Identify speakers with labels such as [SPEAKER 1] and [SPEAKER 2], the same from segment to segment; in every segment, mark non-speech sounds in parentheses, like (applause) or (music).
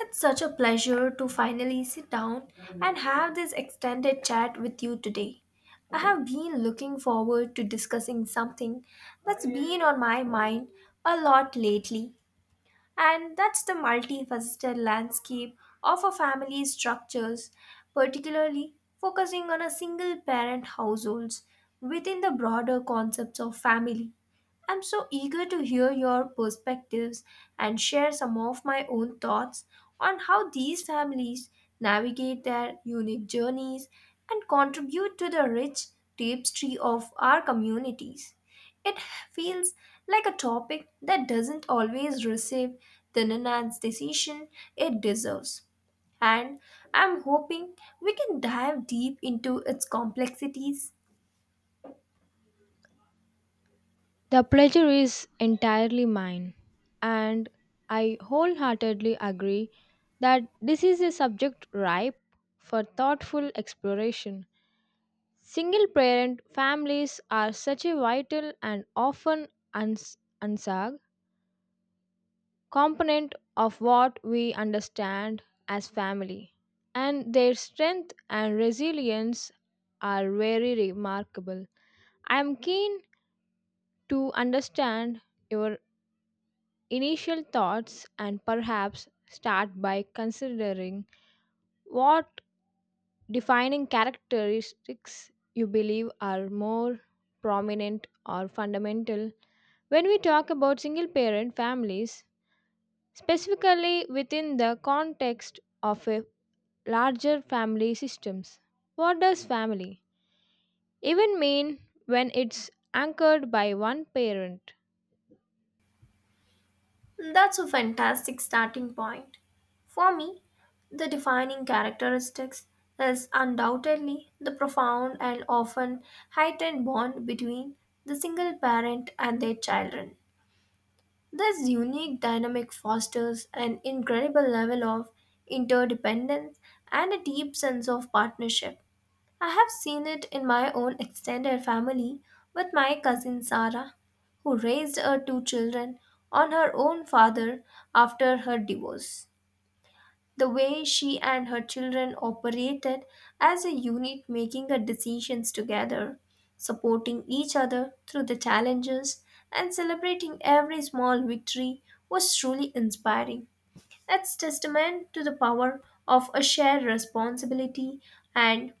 [SPEAKER 1] It's such a pleasure to finally sit down and have this extended chat with you today. I have been looking forward to discussing something that's been on my mind a lot lately, and that's the multifaceted landscape of a family's structures, particularly focusing on a single parent households within the broader concepts of family. I'm so eager to hear your perspectives and share some of my own thoughts on how these families navigate their unique journeys and contribute to the rich tapestry of our communities. It feels like a topic that doesn't always receive the nuanced decision it deserves, and I'm hoping we can dive deep into its complexities.
[SPEAKER 2] The pleasure is entirely mine, and I wholeheartedly agree that this is a subject ripe for thoughtful exploration. Single parent families are such a vital and often unsung component of what we understand as family, and their strength and resilience are very remarkable. I am keen to understand your initial thoughts and perhaps start by considering what defining characteristics you believe are more prominent or fundamental when we talk about single parent families, specifically within the context of a larger family systems. What does family even mean when it's anchored by one parent?
[SPEAKER 1] That's a fantastic starting point. For me, the defining characteristics is undoubtedly the profound and often heightened bond between the single parent and their children. This unique dynamic fosters an incredible level of interdependence and a deep sense of partnership. I have seen it in my own extended family with my cousin Sarah, who raised her two children on her own father after her divorce. The way she and her children operated as a unit, making her decisions together, supporting each other through the challenges, and celebrating every small victory was truly inspiring. It's testament to the power of a shared responsibility and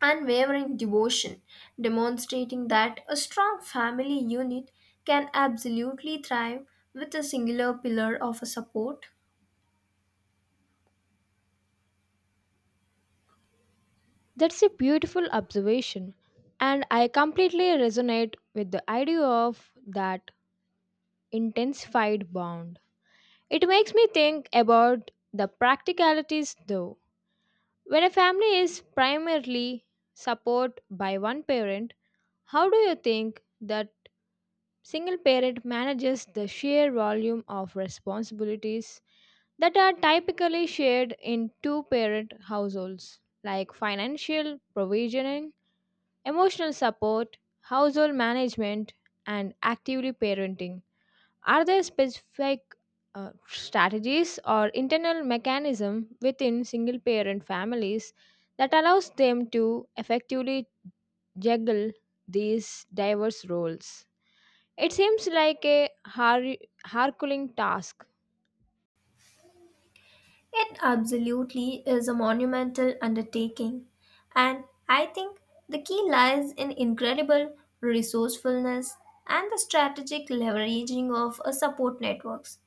[SPEAKER 1] unwavering devotion, demonstrating that a strong family unit can absolutely thrive with a singular pillar of a support.
[SPEAKER 2] That's a beautiful observation, and I completely resonate with the idea of that intensified bond. It makes me think about the practicalities though. When a family is primarily supported by one parent, how do you think that single parent manages the sheer volume of responsibilities that are typically shared in two parent households, like financial provisioning? Emotional support, household management, and actively parenting. Are there specific strategies or internal mechanism within single parent families that allows them to effectively juggle these diverse roles? It seems like a harkuling task.
[SPEAKER 1] It absolutely is a monumental undertaking, and I think the key lies in incredible resourcefulness and the strategic leveraging of a support networks.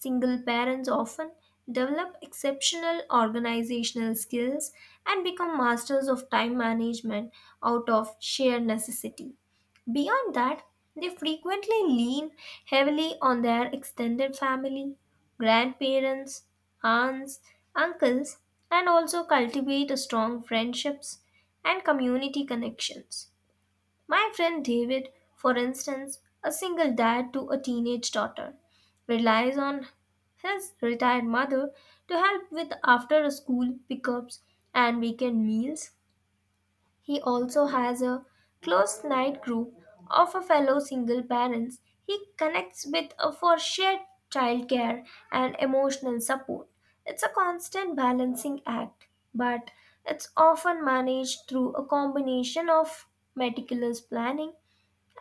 [SPEAKER 1] Single parents often develop exceptional organizational skills and become masters of time management out of sheer necessity. Beyond that, they frequently lean heavily on their extended family, grandparents, aunts, uncles, and also cultivate strong friendships and community connections. My friend David, for instance, a single dad to a teenage daughter, relies on his retired mother to help with after school pickups and weekend meals. He also has a close knit group of a fellow single parents he connects with for shared childcare and emotional support. It's a constant balancing act, but it's often managed through a combination of meticulous planning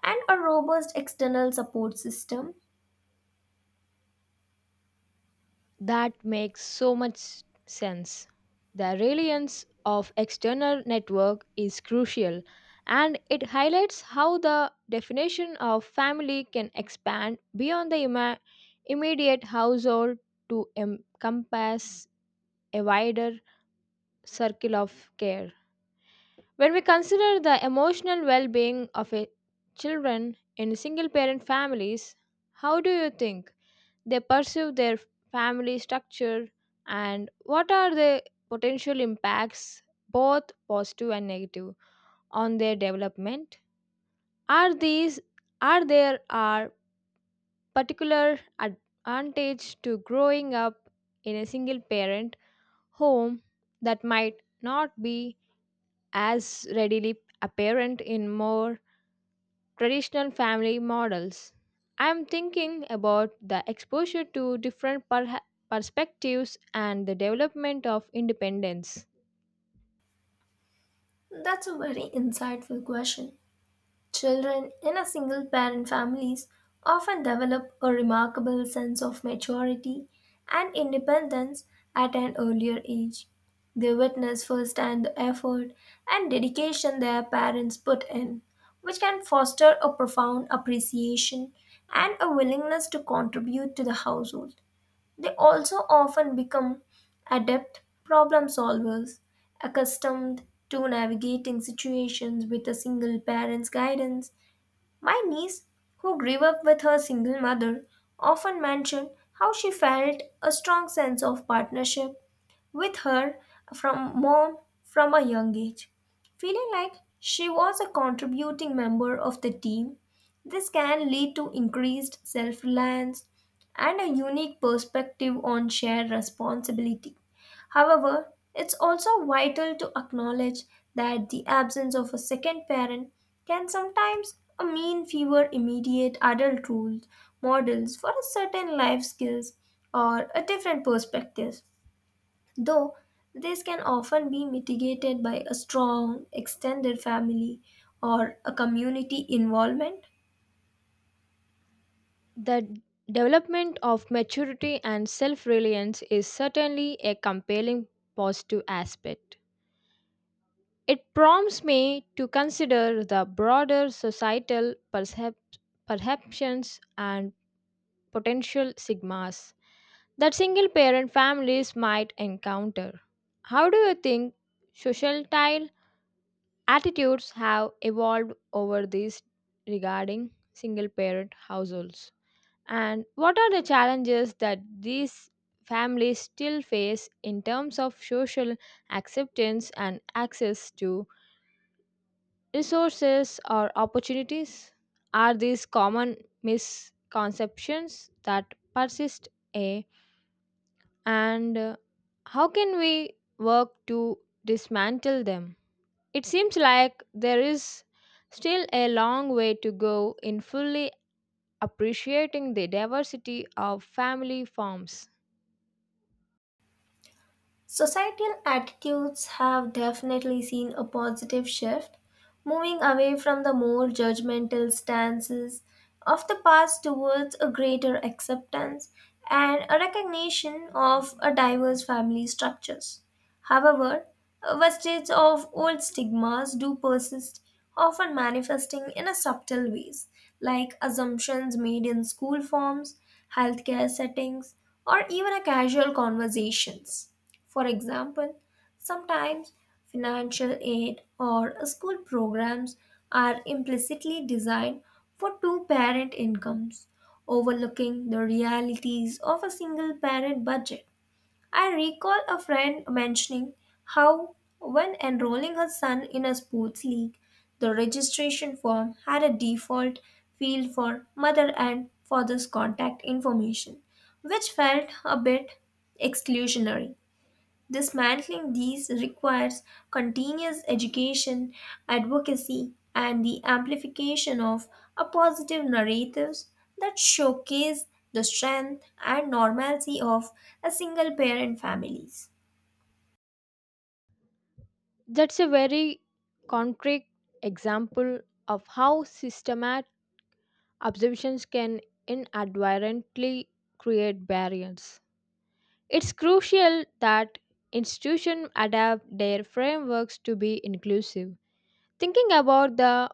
[SPEAKER 1] and a robust external support system.
[SPEAKER 2] That makes so much sense. The reliance of external network is crucial and it highlights how the definition of family can expand beyond the immediate household to encompass a wider circle of care. When we consider the emotional well-being of a children in single parent families, how do you think they perceive their family structure and what are the potential impacts both positive and negative on their development are these are there are particular advantage to growing up in a single parent home that might not be as readily apparent in more traditional family models. I'm thinking about the exposure to different perha perspectives and the development of independence.
[SPEAKER 1] That's a very insightful question. Children in a single parent families often develop a remarkable sense of maturity and independence at an earlier age. They witness firsthand the effort and dedication their parents put in, which can foster a profound appreciation and a willingness to contribute to the household. They also often become adept problem solvers, accustomed to navigating situations with a single parent's guidance. My niece, who grew up with her single mother, often mentioned how she felt a strong sense of partnership with her from mom from a young age. Feeling like she was a contributing member of the team, this can lead to increased self reliance and a unique perspective on shared responsibility. However, it's also vital to acknowledge that the absence of a second parent can sometimes mean fewer immediate adult rules, models for a certain life skills or a different perspective, though this can often be mitigated by a strong extended family or a community involvement.
[SPEAKER 2] The development of maturity and self reliance is certainly a compelling positive aspect. It prompts me to consider the broader societal perceptions and potential sigmas that single parent families might encounter. How do you think societal attitudes have evolved over these regarding single parent households? And what are the challenges that these families still face in terms of social acceptance and access to resources or opportunities? Are these common misconceptions that persist and how can we work to dismantle them? It seems like there is still a long way to go in fully appreciating the diversity of family forms.
[SPEAKER 1] Societal attitudes have definitely seen a positive shift, moving away from the more judgmental stances of the past towards a greater acceptance and a recognition of a diverse family structures. However, vestiges of old stigmas do persist, often manifesting in a subtle ways, like assumptions made in school forms, healthcare settings, or even a casual conversations. For example, sometimes financial aid or school programs are implicitly designed for two parent incomes, overlooking the realities of a single parent budget. I recall a friend mentioning how, when enrolling her son in a sports league, the registration form had a default field for mother and father's contact information, which felt a bit exclusionary. Dismantling these requires continuous education, advocacy, and the amplification of a positive narratives that showcase the strength and normalcy of a single parent families.
[SPEAKER 2] That's a very concrete example of how systematic observations can inadvertently create barriers. It's crucial that institutions adapt their frameworks to be inclusive. Thinking about the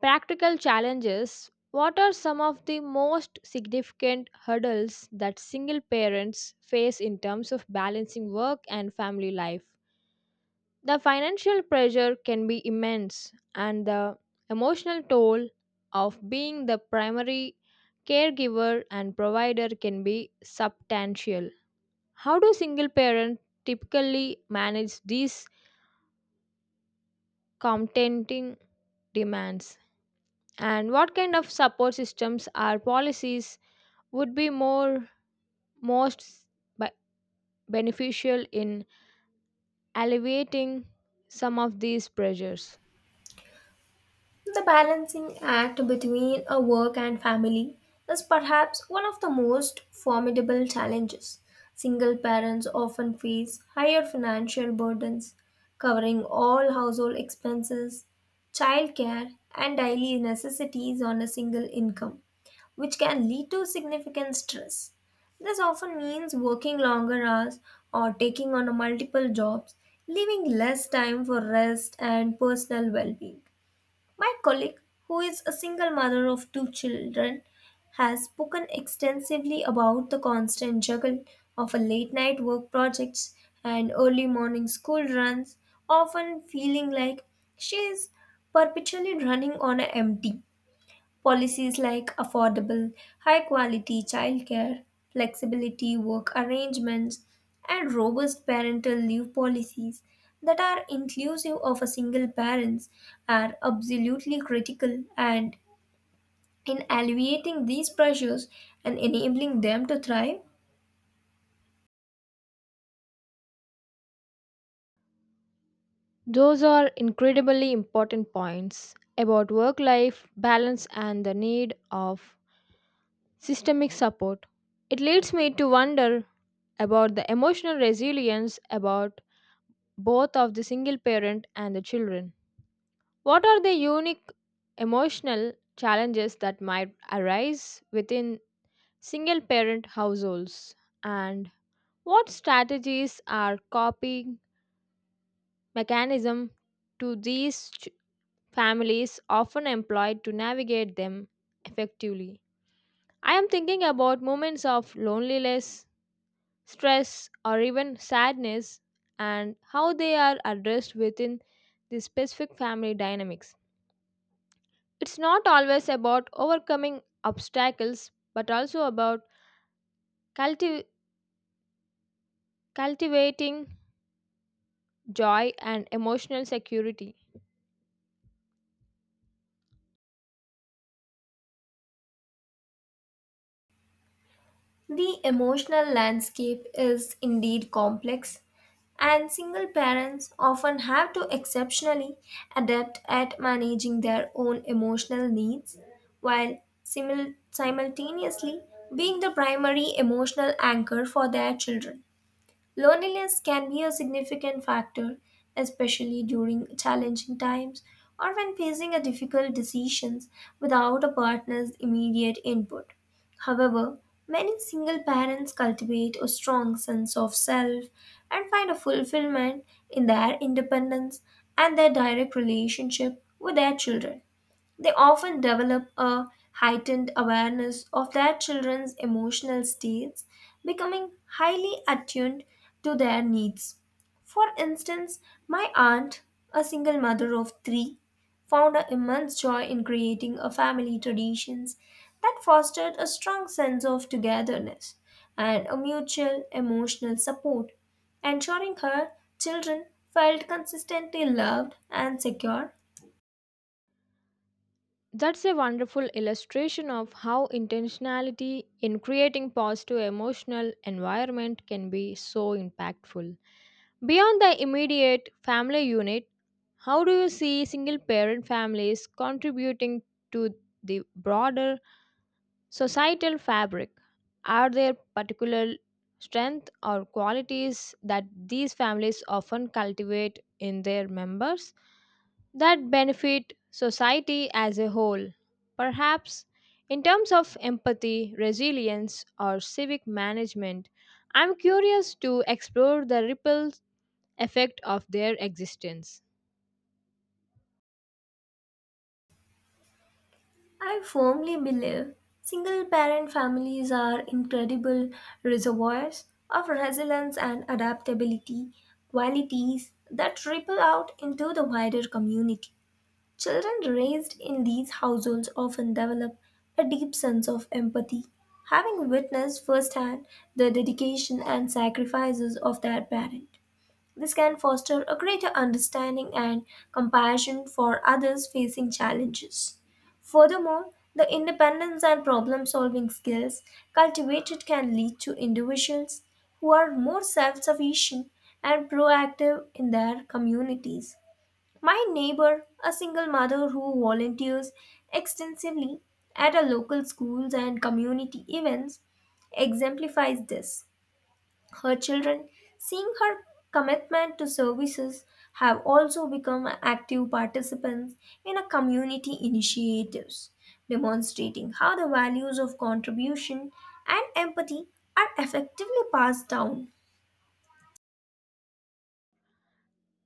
[SPEAKER 2] practical challenges, what are some of the most significant hurdles that single parents face in terms of balancing work and family life? The financial pressure can be immense, and the emotional toll of being the primary caregiver and provider can be substantial. How do single parents typically manage these competing demands? And what kind of support systems or policies would be more most be- beneficial in alleviating some of these pressures?
[SPEAKER 1] The balancing act between a work and family is perhaps one of the most formidable challenges. Single parents often face higher financial burdens, covering all household expenses, childcare, and daily necessities on a single income, which can lead to significant stress. This often means working longer hours or taking on multiple jobs, leaving less time for rest and personal well being. My colleague, who is a single mother of two children, has spoken extensively about the constant juggle of a late night work projects and early morning school runs, often feeling like she is perpetually running on an empty. Policies like affordable, high quality childcare, flexibility work arrangements, and robust parental leave policies that are inclusive of a single parents are absolutely critical and in alleviating these pressures and enabling them to thrive.
[SPEAKER 2] Those are incredibly important points about work life balance and the need of systemic support. It leads me to wonder about the emotional resilience about both of the single parent and the children. What are the unique emotional challenges that might arise within single parent households, and what strategies are coping mechanism to these families often employed to navigate them effectively? I am thinking about moments of loneliness, stress, or even sadness, and how they are addressed within the specific family dynamics. It's not always about overcoming obstacles but also about cultiv- cultivating joy, and emotional security.
[SPEAKER 1] The emotional landscape is indeed complex, and single parents often have to exceptionally adapt at managing their own emotional needs while simultaneously being the primary emotional anchor for their children. Loneliness can be a significant factor, especially during challenging times or when facing a difficult decisions without a partner's immediate input. However, many single parents cultivate a strong sense of self and find a fulfillment in their independence and their direct relationship with their children. They often develop a heightened awareness of their children's emotional states, becoming highly attuned to their needs. For instance, my aunt, a single mother of three, found an immense joy in creating a family traditions that fostered a strong sense of togetherness and a mutual emotional support, ensuring her children felt consistently loved and secure.
[SPEAKER 2] That's a wonderful illustration of how intentionality in creating positive emotional environment can be so impactful. Beyond the immediate family unit, how do you see single parent families contributing to the broader societal fabric? Are there particular strengths or qualities that these families often cultivate in their members that benefit society as a whole, perhaps in terms of empathy, resilience, or civic management? I'm curious to explore the ripple effect of their existence.
[SPEAKER 1] I firmly believe single parent families are incredible reservoirs of resilience and adaptability, qualities that ripple out into the wider community. Children raised in these households often develop a deep sense of empathy, having witnessed firsthand the dedication and sacrifices of their parents. This can foster a greater understanding and compassion for others facing challenges. Furthermore, the independence and problem solving skills cultivated can lead to individuals who are more self sufficient and proactive in their communities. My neighbor, a single mother who volunteers extensively at a local schools and community events, exemplifies this. Her children, seeing her commitment to services, have also become active participants in a community initiatives, demonstrating how the values of contribution and empathy are effectively passed down.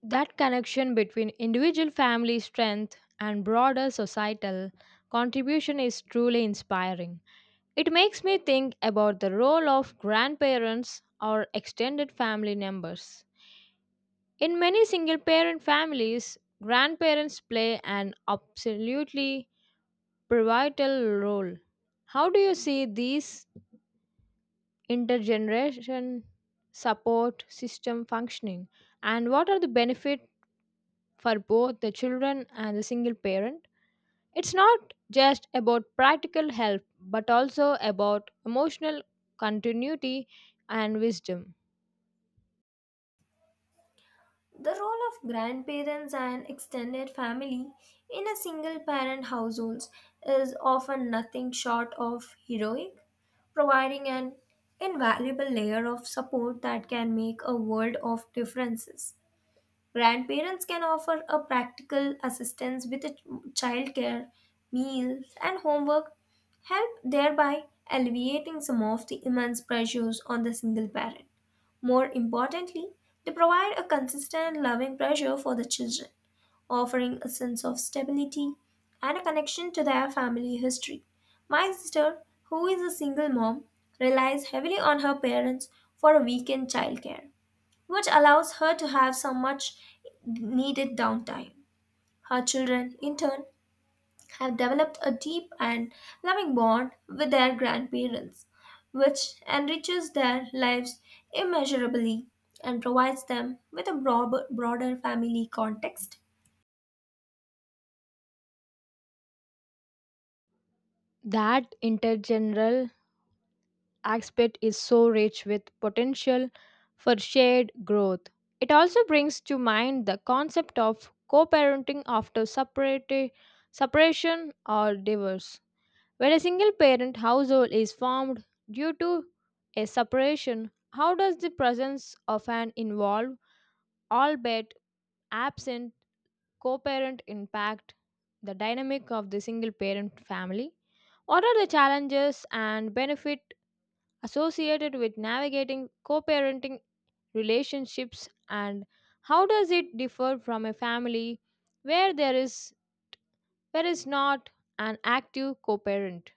[SPEAKER 2] That connection between individual family strength and broader societal contribution is truly inspiring. It makes me think about the role of grandparents or extended family members. In many single parent families, grandparents play an absolutely pivotal role. How do you see these intergeneration support system functioning, and what are the benefits for both the children and the single parent? It's not just about practical help, but also about emotional continuity and wisdom.
[SPEAKER 1] The role of grandparents and extended family in a single parent household is often nothing short of heroic, providing an invaluable layer of support that can make a world of differences. Grandparents can offer a practical assistance with a childcare, meals, and homework, help thereby alleviating some of the immense pressures on the single parent. More importantly, they provide a consistent loving pressure for the children, offering a sense of stability and a connection to their family history. My sister, who is a single mom, relies heavily on her parents for a weekend childcare, which allows her to have some much needed downtime. Her children, in turn, have developed a deep and loving bond with their grandparents, which enriches their lives immeasurably and provides them with a broader family context.
[SPEAKER 2] That intergeneral aspect is so rich with potential for shared growth. It also brings to mind the concept of co parenting after separation or divorce. When a single parent household is formed due to a separation, how does the presence of an involved, albeit absent, co parent impact the dynamic of the single parent family? What are the challenges and benefit associated with navigating co parenting relationships, and how does it differ from a family where there is where is not an active co parent?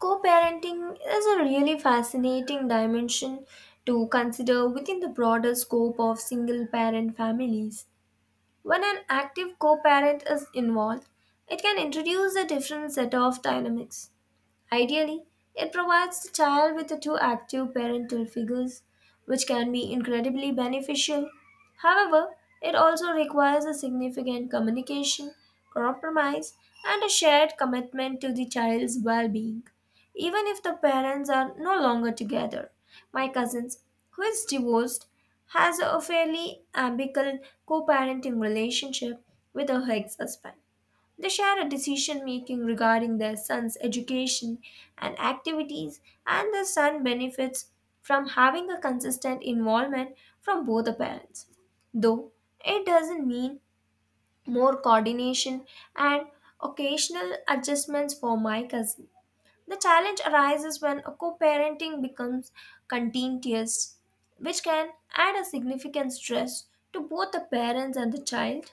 [SPEAKER 1] Co parenting is a really fascinating dimension to consider within the broader scope of single parent families. When an active co parent is involved, it can introduce a different set of dynamics. Ideally, it provides the child with the two active parental figures, which can be incredibly beneficial. However, it also requires a significant communication, compromise, and a shared commitment to the child's well being. Even if the parents are no longer together, my cousins, who is divorced, has a fairly amicable co parenting relationship with her ex husband. They share a decision making regarding their son's education and activities, and the son benefits from having a consistent involvement from both the parents. Though it doesn't mean more coordination and occasional adjustments for my cousin. The challenge arises when a co parenting becomes contentious, which can add a significant stress to both the parents and the child.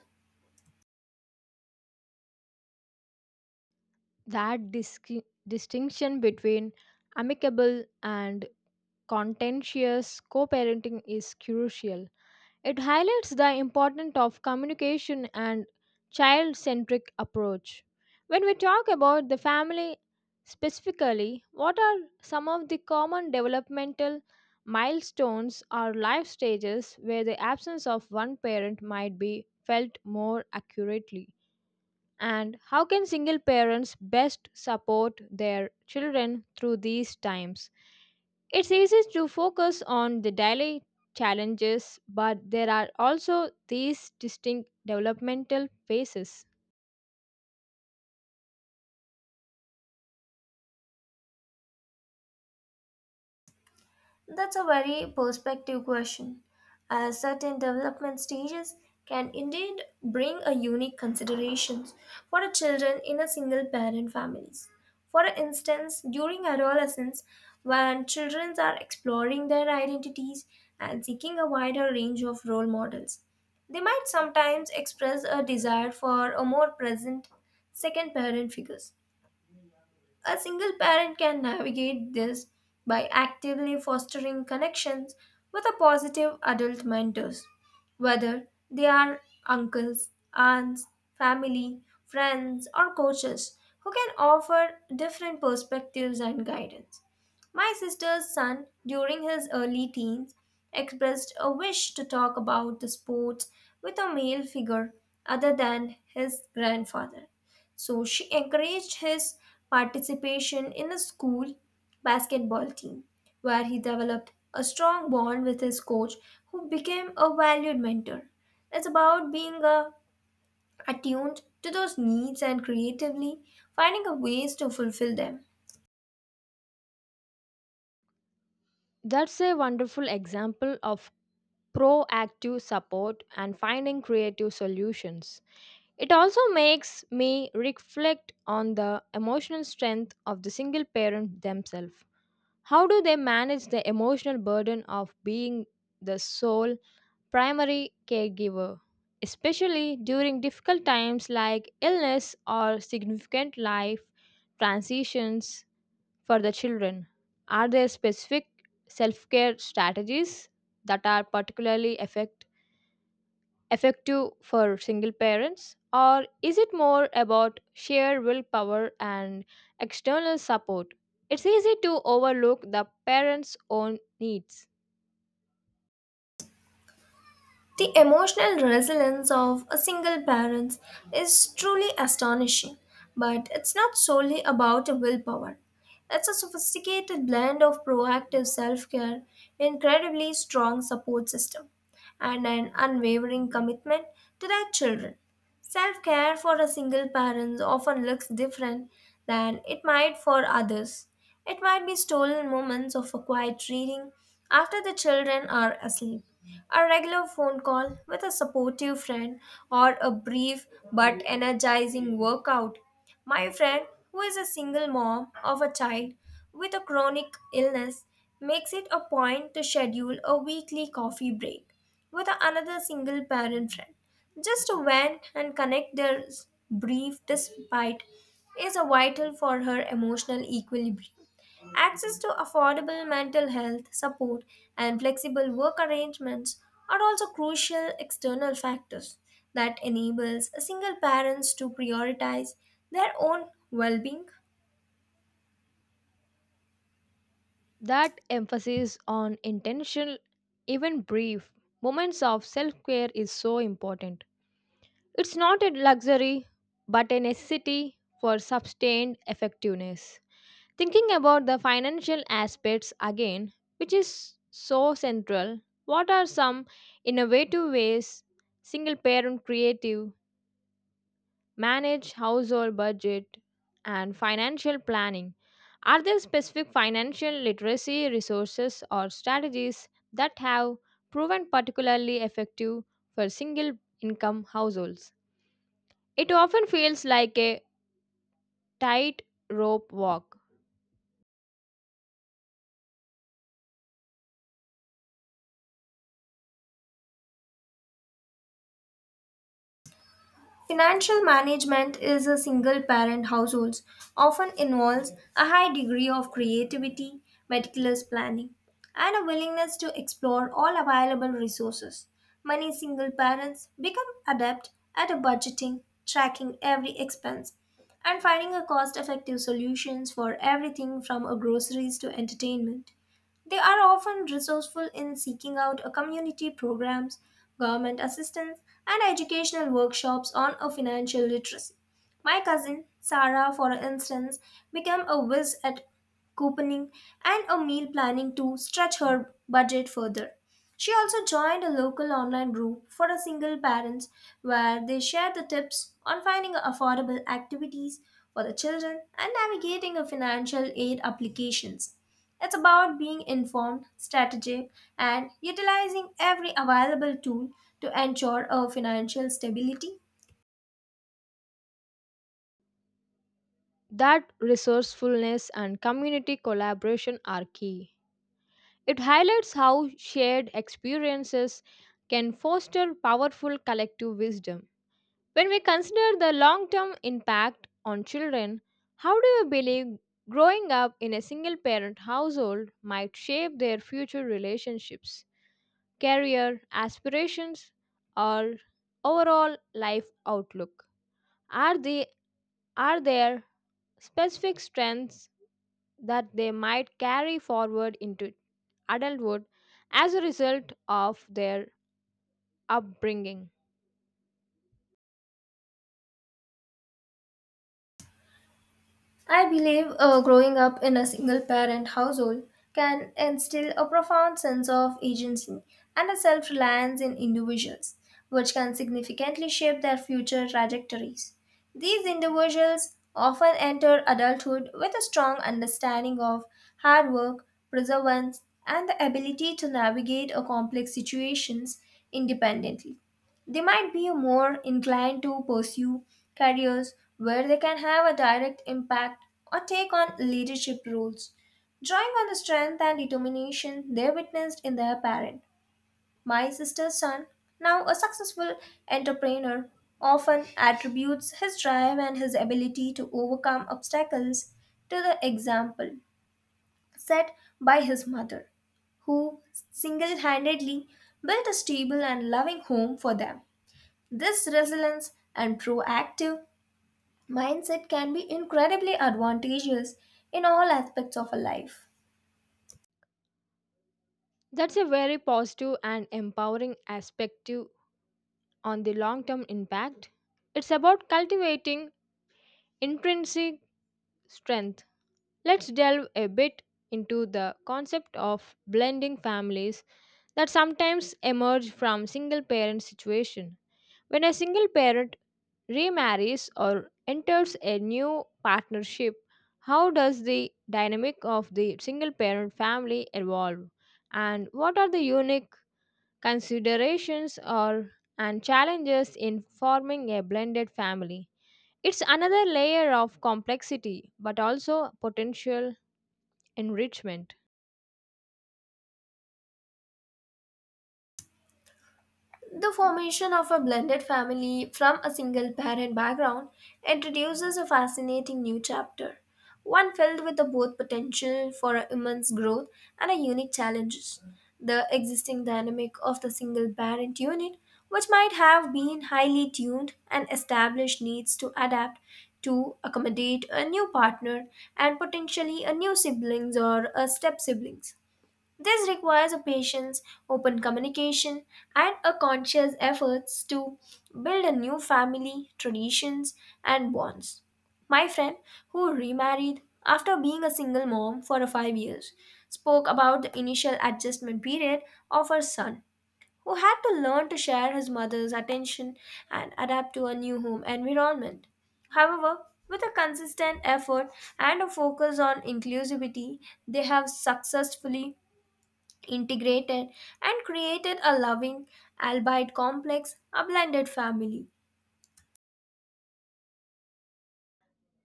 [SPEAKER 2] That distinction between amicable and contentious co parenting is crucial. It highlights the importance of communication and child centric approach. When we talk about the family specifically, what are some of the common developmental milestones or life stages where the absence of one parent might be felt more accurately? And how can single parents best support their children through these times? It's easy to focus on the daily challenges, but there are also these distinct developmental phases.
[SPEAKER 1] That's a very perspective question, as certain development stages can indeed bring a unique considerations for the children in a single parent families. For instance, during adolescence, when children are exploring their identities and seeking a wider range of role models, they might sometimes express a desire for a more present second parent figures. A single parent can navigate this by actively fostering connections with a positive adult mentors, whether they are uncles, aunts, family, friends, or coaches who can offer different perspectives and guidance. My sister's son, during his early teens, expressed a wish to talk about the sports with a male figure other than his grandfather, so she encouraged his participation in a school basketball team, where he developed a strong bond with his coach, who became a valued mentor. It's about being attuned to those needs and creatively finding a ways to fulfill them.
[SPEAKER 2] That's a wonderful example of proactive support and finding creative solutions. It also makes me reflect on the emotional strength of the single parent themselves. How do they manage the emotional burden of being the sole primary caregiver, especially during difficult times like illness or significant life transitions for the children? Are there specific self care strategies that are particularly effective for single parents, or is it more about sheer willpower and external support? It's easy to overlook the parents' own needs.
[SPEAKER 1] The emotional resilience of a single parent is truly astonishing, but it's not solely about willpower. It's a sophisticated blend of proactive self care, incredibly strong support system, and an unwavering commitment to their children. Self care for a single parent often looks different than it might for others. It might be stolen moments of a quiet reading after the children are asleep, a regular phone call with a supportive friend, or a brief but energizing workout. My friend, who is a single mom of a child with a chronic illness, makes it a point to schedule a weekly coffee break with another single parent friend just to vent and connect their brief despite is a vital for her emotional equilibrium access to affordable mental health support and flexible work arrangements are also crucial external factors that enables single parents to prioritize their own well-being.
[SPEAKER 2] That emphasis on intentional, even brief, moments of self care is so important. It's not a luxury, but a necessity for sustained effectiveness. Thinking about the financial aspects again, which is so central, what are some innovative ways single parent creative manage household budget and financial planning? Are there specific financial literacy resources or strategies that have proven particularly effective for single income households? It often feels like a tight rope walk.
[SPEAKER 1] Financial management is a single parent households often involves a high degree of creativity, meticulous planning, and a willingness to explore all available resources. Many single parents become adept at budgeting, tracking every expense, and finding a cost-effective solutions for everything from a groceries to entertainment. They are often resourceful in seeking out a community programs, government assistance, and educational workshops on a financial literacy. My cousin, Sarah, for instance, became a whiz at couponing and a meal planning to stretch her budget further. She also joined a local online group for a single parents where they shared the tips on finding affordable activities for the children and navigating a financial aid applications. It's about being informed, strategic, and utilizing every available tool to ensure a financial stability.
[SPEAKER 2] That resourcefulness and community collaboration are key. It highlights how shared experiences can foster powerful collective wisdom. When we consider the long term impact on children, how do you believe growing up in a single parent household might shape their future relationships, career aspirations, or overall life outlook? Are, they, are there specific strengths that they might carry forward into adulthood as a result of their upbringing?
[SPEAKER 1] I believe growing up in a single parent household can instill a profound sense of agency and a self reliance in individuals, which can significantly shape their future trajectories. These individuals often enter adulthood with a strong understanding of hard work, perseverance, and the ability to navigate a complex situations independently. They might be more inclined to pursue careers where they can have a direct impact or take on leadership roles, drawing on the strength and determination they witnessed in their parent. My sister's son, now a successful entrepreneur, often attributes his drive and his ability to overcome obstacles to the example set by his mother, who single handedly built a stable and loving home for them. This resilience and proactive mindset can be incredibly advantageous in all aspects of a life.
[SPEAKER 2] That's a very positive and empowering aspect on the long term impact. It's about cultivating intrinsic strength. Let's delve a bit into the concept of blending families that sometimes emerge from single parent situation. When a single parent remarries or enters a new partnership, how does the dynamic of the single parent family evolve? And what are the unique considerations or and challenges in forming a blended family? It's another layer of complexity but also potential enrichment.
[SPEAKER 1] The formation of a blended family from a single parent background introduces a fascinating new chapter, one filled with the both potential for immense growth and a unique challenges. The existing dynamic of the single parent unit, which might have been highly tuned and established, needs to adapt to accommodate a new partner and potentially a new siblings or a step siblings. This requires a patience, open communication, and a conscious efforts to build a new family, traditions, and bonds. My friend, who remarried after being a single mom for 5 years, spoke about the initial adjustment period of her son, who had to learn to share his mother's attention and adapt to a new home environment. However, with a consistent effort and a focus on inclusivity, they have successfully integrated and created a loving, albeit complex, a blended family.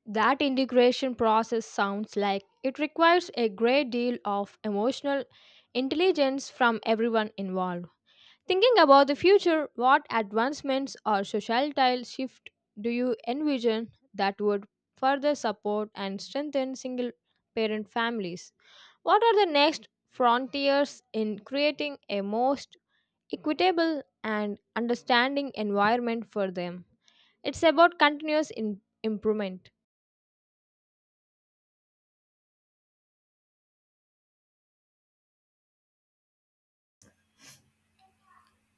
[SPEAKER 2] That integration process sounds like it requires a great deal of emotional intelligence from everyone involved. Thinking about the future, what advancements or societal shift do you envision that would further support and strengthen single parent families? What are the next frontiers in creating a most equitable and understanding environment for them? It's about continuous improvement.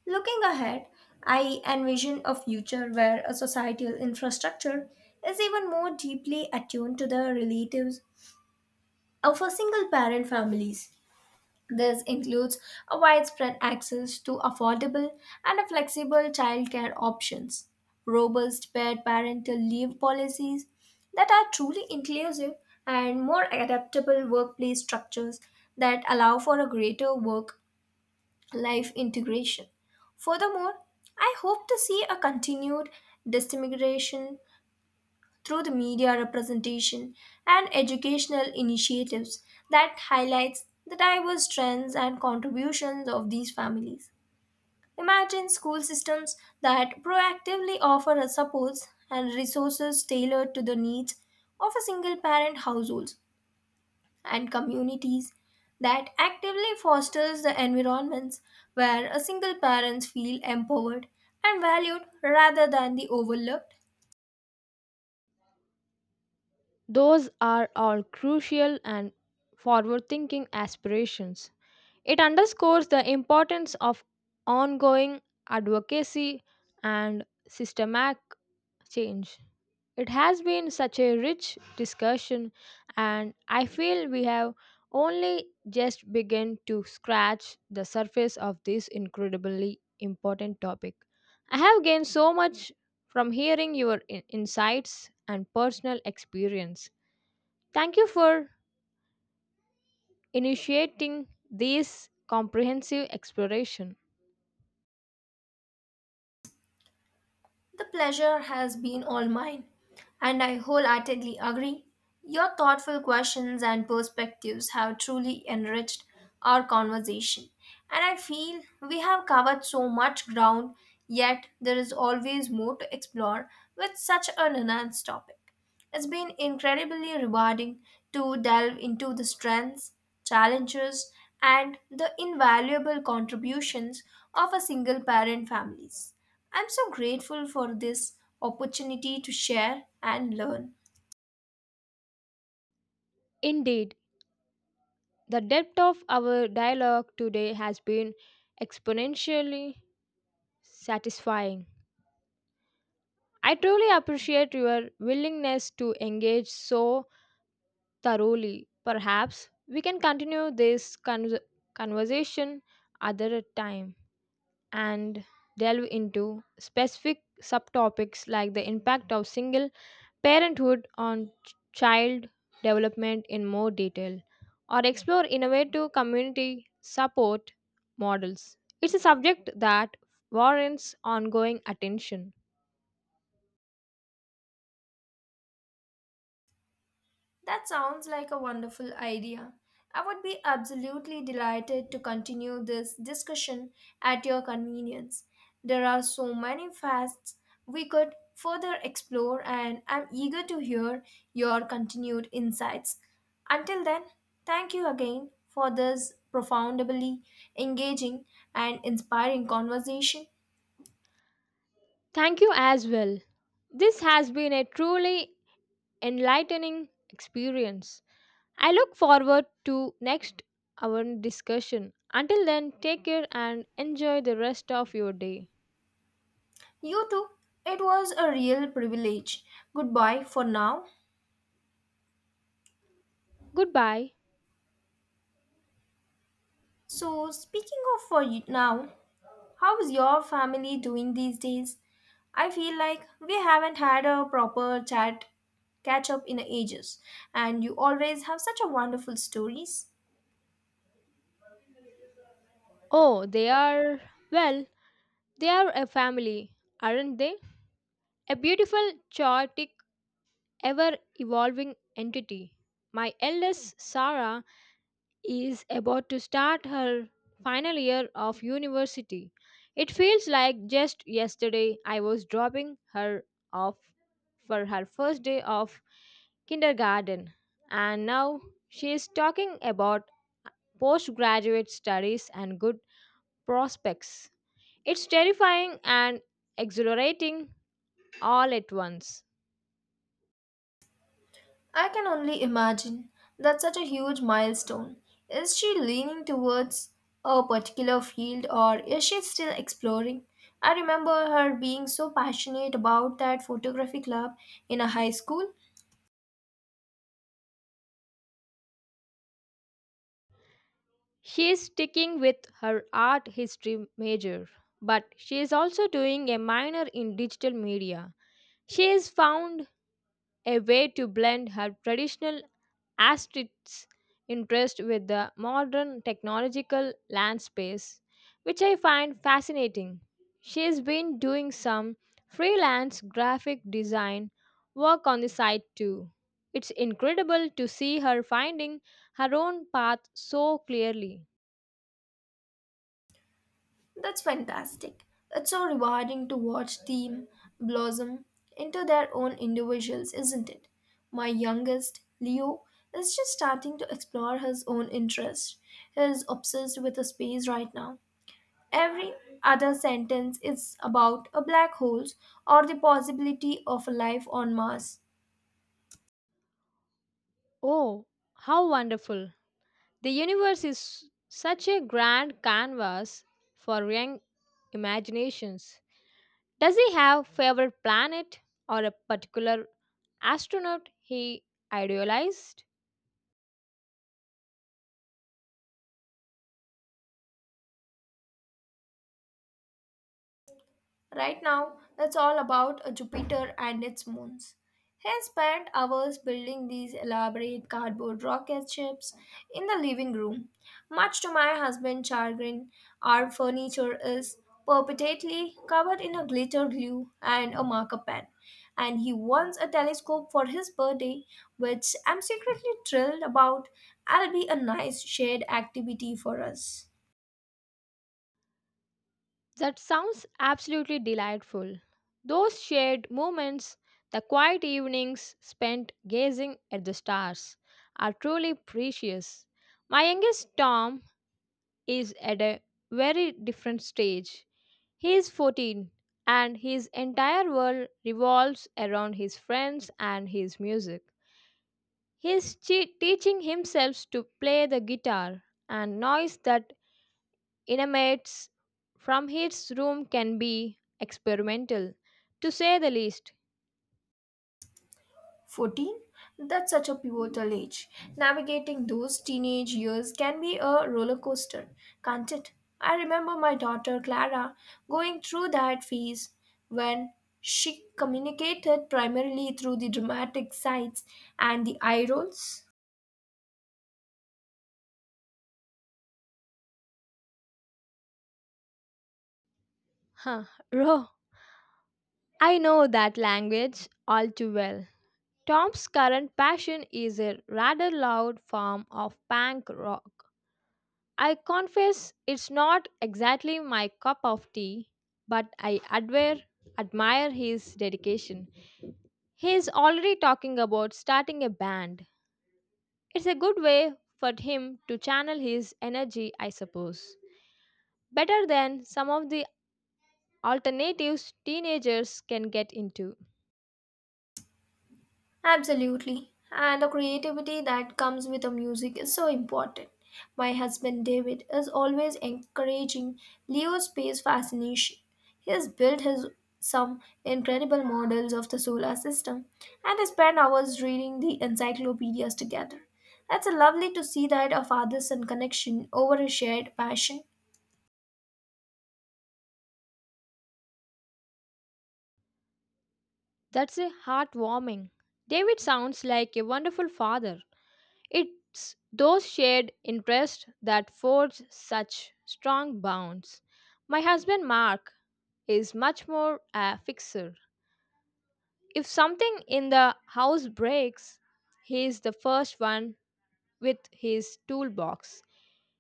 [SPEAKER 1] Looking ahead, I envision a future where a societal infrastructure is even more deeply attuned to the relatives of a single parent families. This includes a widespread access to affordable and a flexible childcare options, robust paid parental leave policies that are truly inclusive, and more adaptable workplace structures that allow for a greater work life integration. Furthermore, I hope to see a continued dissemination through the media representation and educational initiatives that highlights the diverse trends and contributions of these families. Imagine school systems that proactively offer a supports and resources tailored to the needs of a single parent households and communities that actively fosters the environments where a single parents feel empowered and valued rather than the overlooked.
[SPEAKER 2] Those are all crucial and forward thinking aspirations. It underscores the importance of ongoing advocacy and systematic change. It has been such a rich discussion, and I feel we have only just begun to scratch the surface of this incredibly important topic. I have gained so much from hearing your insights and personal experience. Thank you for initiating this comprehensive exploration.
[SPEAKER 1] The pleasure has been all mine, and I wholeheartedly agree. Your thoughtful questions and perspectives have truly enriched our conversation, and I feel we have covered so much ground, yet there is always more to explore with such an enhanced topic. It's been incredibly rewarding to delve into the strengths, challenges, and the invaluable contributions of a single parent families. I'm so grateful for this opportunity to share and learn.
[SPEAKER 2] Indeed, the depth of our dialogue today has been exponentially satisfying. I truly appreciate your willingness to engage so thoroughly. Perhaps we can continue this conversation other time and delve into specific subtopics like the impact of single parenthood on child development in more detail, or explore innovative community support models. It's a subject that warrants ongoing attention.
[SPEAKER 1] That sounds like a wonderful idea. I would be absolutely delighted to continue this discussion at your convenience. There are so many facets we could further explore, and I'm eager to hear your continued insights. Until then, thank you again for this profoundly engaging and inspiring conversation.
[SPEAKER 2] Thank you as well. This has been a truly enlightening experience. I look forward to next our discussion. Until then, take care and enjoy the rest of your day.
[SPEAKER 1] You too, it was a real privilege. Goodbye for now.
[SPEAKER 2] Goodbye.
[SPEAKER 1] So, speaking of for you now, how's your family doing these days? I feel like we haven't had a proper chat catch up in ages, and you always have such a wonderful stories.
[SPEAKER 2] Oh, they are well. They are a family, aren't they? A beautiful, chaotic, ever evolving entity. My eldest, Sarah, is about to start her final year of university. It feels like just yesterday I was dropping her off for her first day of kindergarten, and now she is talking about postgraduate studies and good prospects. It's terrifying and exhilarating all at once.
[SPEAKER 1] I can only imagine that's such a huge milestone. Is she leaning towards a particular field or is she still exploring? I remember her being so passionate about that photography club in a high school.
[SPEAKER 2] She is sticking with her art history major, but she is also doing a minor in digital media. She has found a way to blend her traditional as its interest with the modern technological landscape, which I find fascinating. She's been doing some freelance graphic design work on the side too. It's incredible to see her finding her own path so clearly.
[SPEAKER 1] That's fantastic. It's so rewarding to watch them blossom into their own individuals, isn't it? My youngest, Leo, is just starting to explore his own interests. He is obsessed with space right now. Every other sentence is about a black hole or the possibility of life on Mars.
[SPEAKER 2] Oh, how wonderful! The universe is such a grand canvas for young imaginations. Does he have favorite planet or a particular astronaut he idealized?
[SPEAKER 1] Right now, that's all about Jupiter and its moons. He spent hours building these elaborate cardboard rocket ships in the living room. Much to my husband's chagrin, our furniture is perpetually covered in a glitter glue and a marker pen. And he wants a telescope for his birthday, which I'm secretly thrilled about. It'll be a nice shared activity for us.
[SPEAKER 2] That sounds absolutely delightful. Those shared moments, the quiet evenings spent gazing at the stars, are truly precious. My youngest Tom is at a very different stage. He is 14 and his entire world revolves around his friends and his music. He is teaching himself to play the guitar, and noise that emanates from his room can be experimental, to say the least.
[SPEAKER 1] 14? That's such a pivotal age. Navigating those teenage years can be a roller coaster, can't it? I remember my daughter Clara going through that phase when she communicated primarily through the dramatic sights and the eye rolls.
[SPEAKER 2] Huh, (laughs) Ro, I know that language all too well. Tom's current passion is a rather loud form of punk rock. I confess it's not exactly my cup of tea, but I admire his dedication. He is already talking about starting a band. It's a good way for him to channel his energy, I suppose. Better than some of the alternatives teenagers can get into.
[SPEAKER 1] Absolutely. And the creativity that comes with the music is so important. My husband David is always encouraging Leo's space fascination. He has built his some incredible models of the solar system and they spend hours reading the encyclopedias together. It's lovely to see that a father son connection over a shared passion.
[SPEAKER 2] That's a heartwarming. David sounds like a wonderful father. It's those shared interests that forge such strong bonds. My husband Mark is much more a fixer. If something in the house breaks, he is the first one with his toolbox.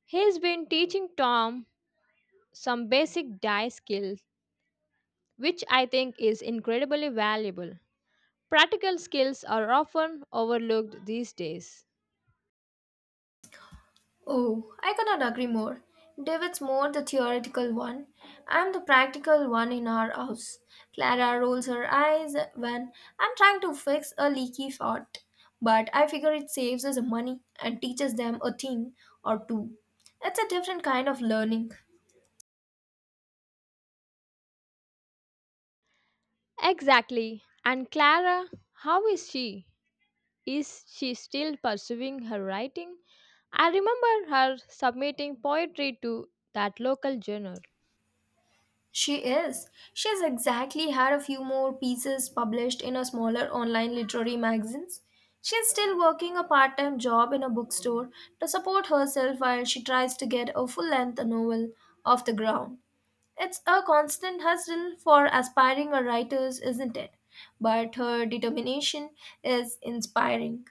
[SPEAKER 2] He's been teaching Tom some basic die skills, which I think is incredibly valuable. Practical skills are often overlooked these days.
[SPEAKER 1] Oh, I cannot agree more. David's more the theoretical one. I'm the practical one in our house. Clara rolls her eyes when I'm trying to fix a leaky faucet, but I figure it saves us money and teaches them a thing or two. It's a different kind of learning.
[SPEAKER 2] Exactly. And Clara, how is she? Is she still pursuing her writing? I remember her submitting poetry to that local journal.
[SPEAKER 1] She is. She has exactly had a few more pieces published in a smaller online literary magazines. She is still working a part time job in a bookstore to support herself while she tries to get a full length novel off the ground. It's a constant hustle for aspiring writers, isn't it? But her determination is inspiring.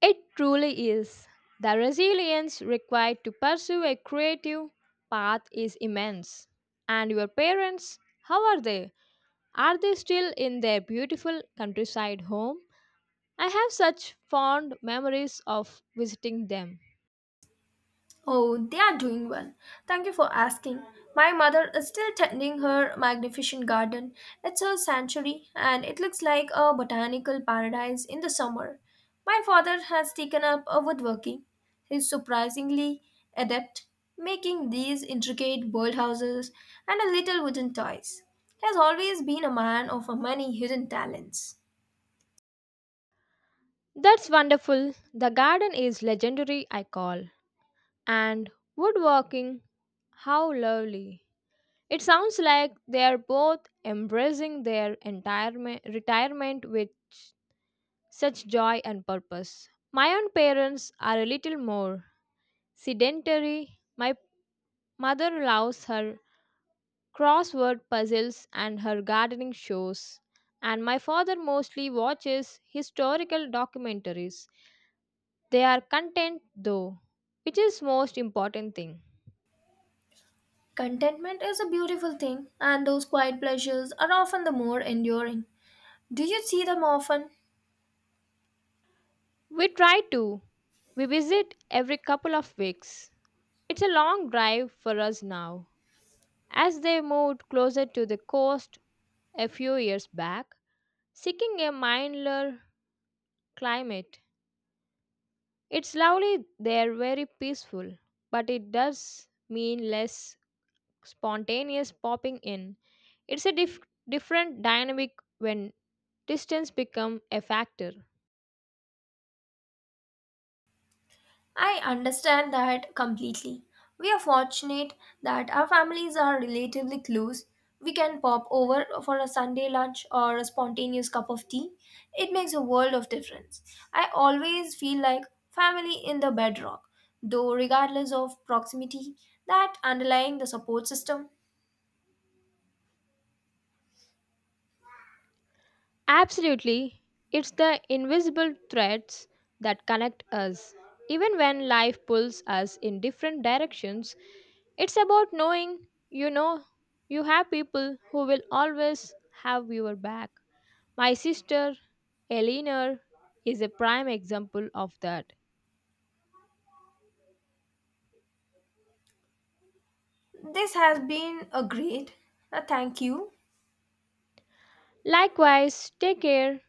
[SPEAKER 2] It truly is. The resilience required to pursue a creative path is immense. And your parents, how are they? Are they still in their beautiful countryside home? I have such fond memories of visiting them.
[SPEAKER 1] Oh, they are doing well. Thank you for asking. My mother is still tending her magnificent garden. It's her sanctuary and it looks like a botanical paradise in the summer. My father has taken up a woodworking. He's surprisingly adept making these intricate bird houses and a little wooden toys. He has always been a man of many hidden talents.
[SPEAKER 2] That's wonderful. The garden is legendary, I call. And woodworking, how lovely. It sounds like they are both embracing their entire retirement with such joy and purpose. My own parents are a little more sedentary. My mother loves her crossword puzzles and her gardening shows, and my father mostly watches historical documentaries. They are content though, which is most important thing.
[SPEAKER 1] Contentment is a beautiful thing, and those quiet pleasures are often the more enduring. Do you see them often?
[SPEAKER 2] We try to. We visit every couple of weeks. It's a long drive for us now. As they moved closer to the coast a few years back, seeking a milder climate. It's lovely there, very peaceful, but it does mean less spontaneous popping in. It's a different dynamic when distance become a factor.
[SPEAKER 1] I understand that completely. We are fortunate that our families are relatively close. We can pop over for a Sunday lunch or a spontaneous cup of tea. It makes a world of difference. I always feel like family in the bedrock, though, regardless of proximity, that underlying the support system.
[SPEAKER 2] Absolutely, it's the invisible threads that connect us. Even when life pulls us in different directions, it's about knowing you have people who will always have your back. My sister, Eleanor, is a prime example of that.
[SPEAKER 1] This has been a great. Thank you.
[SPEAKER 2] Likewise, take care.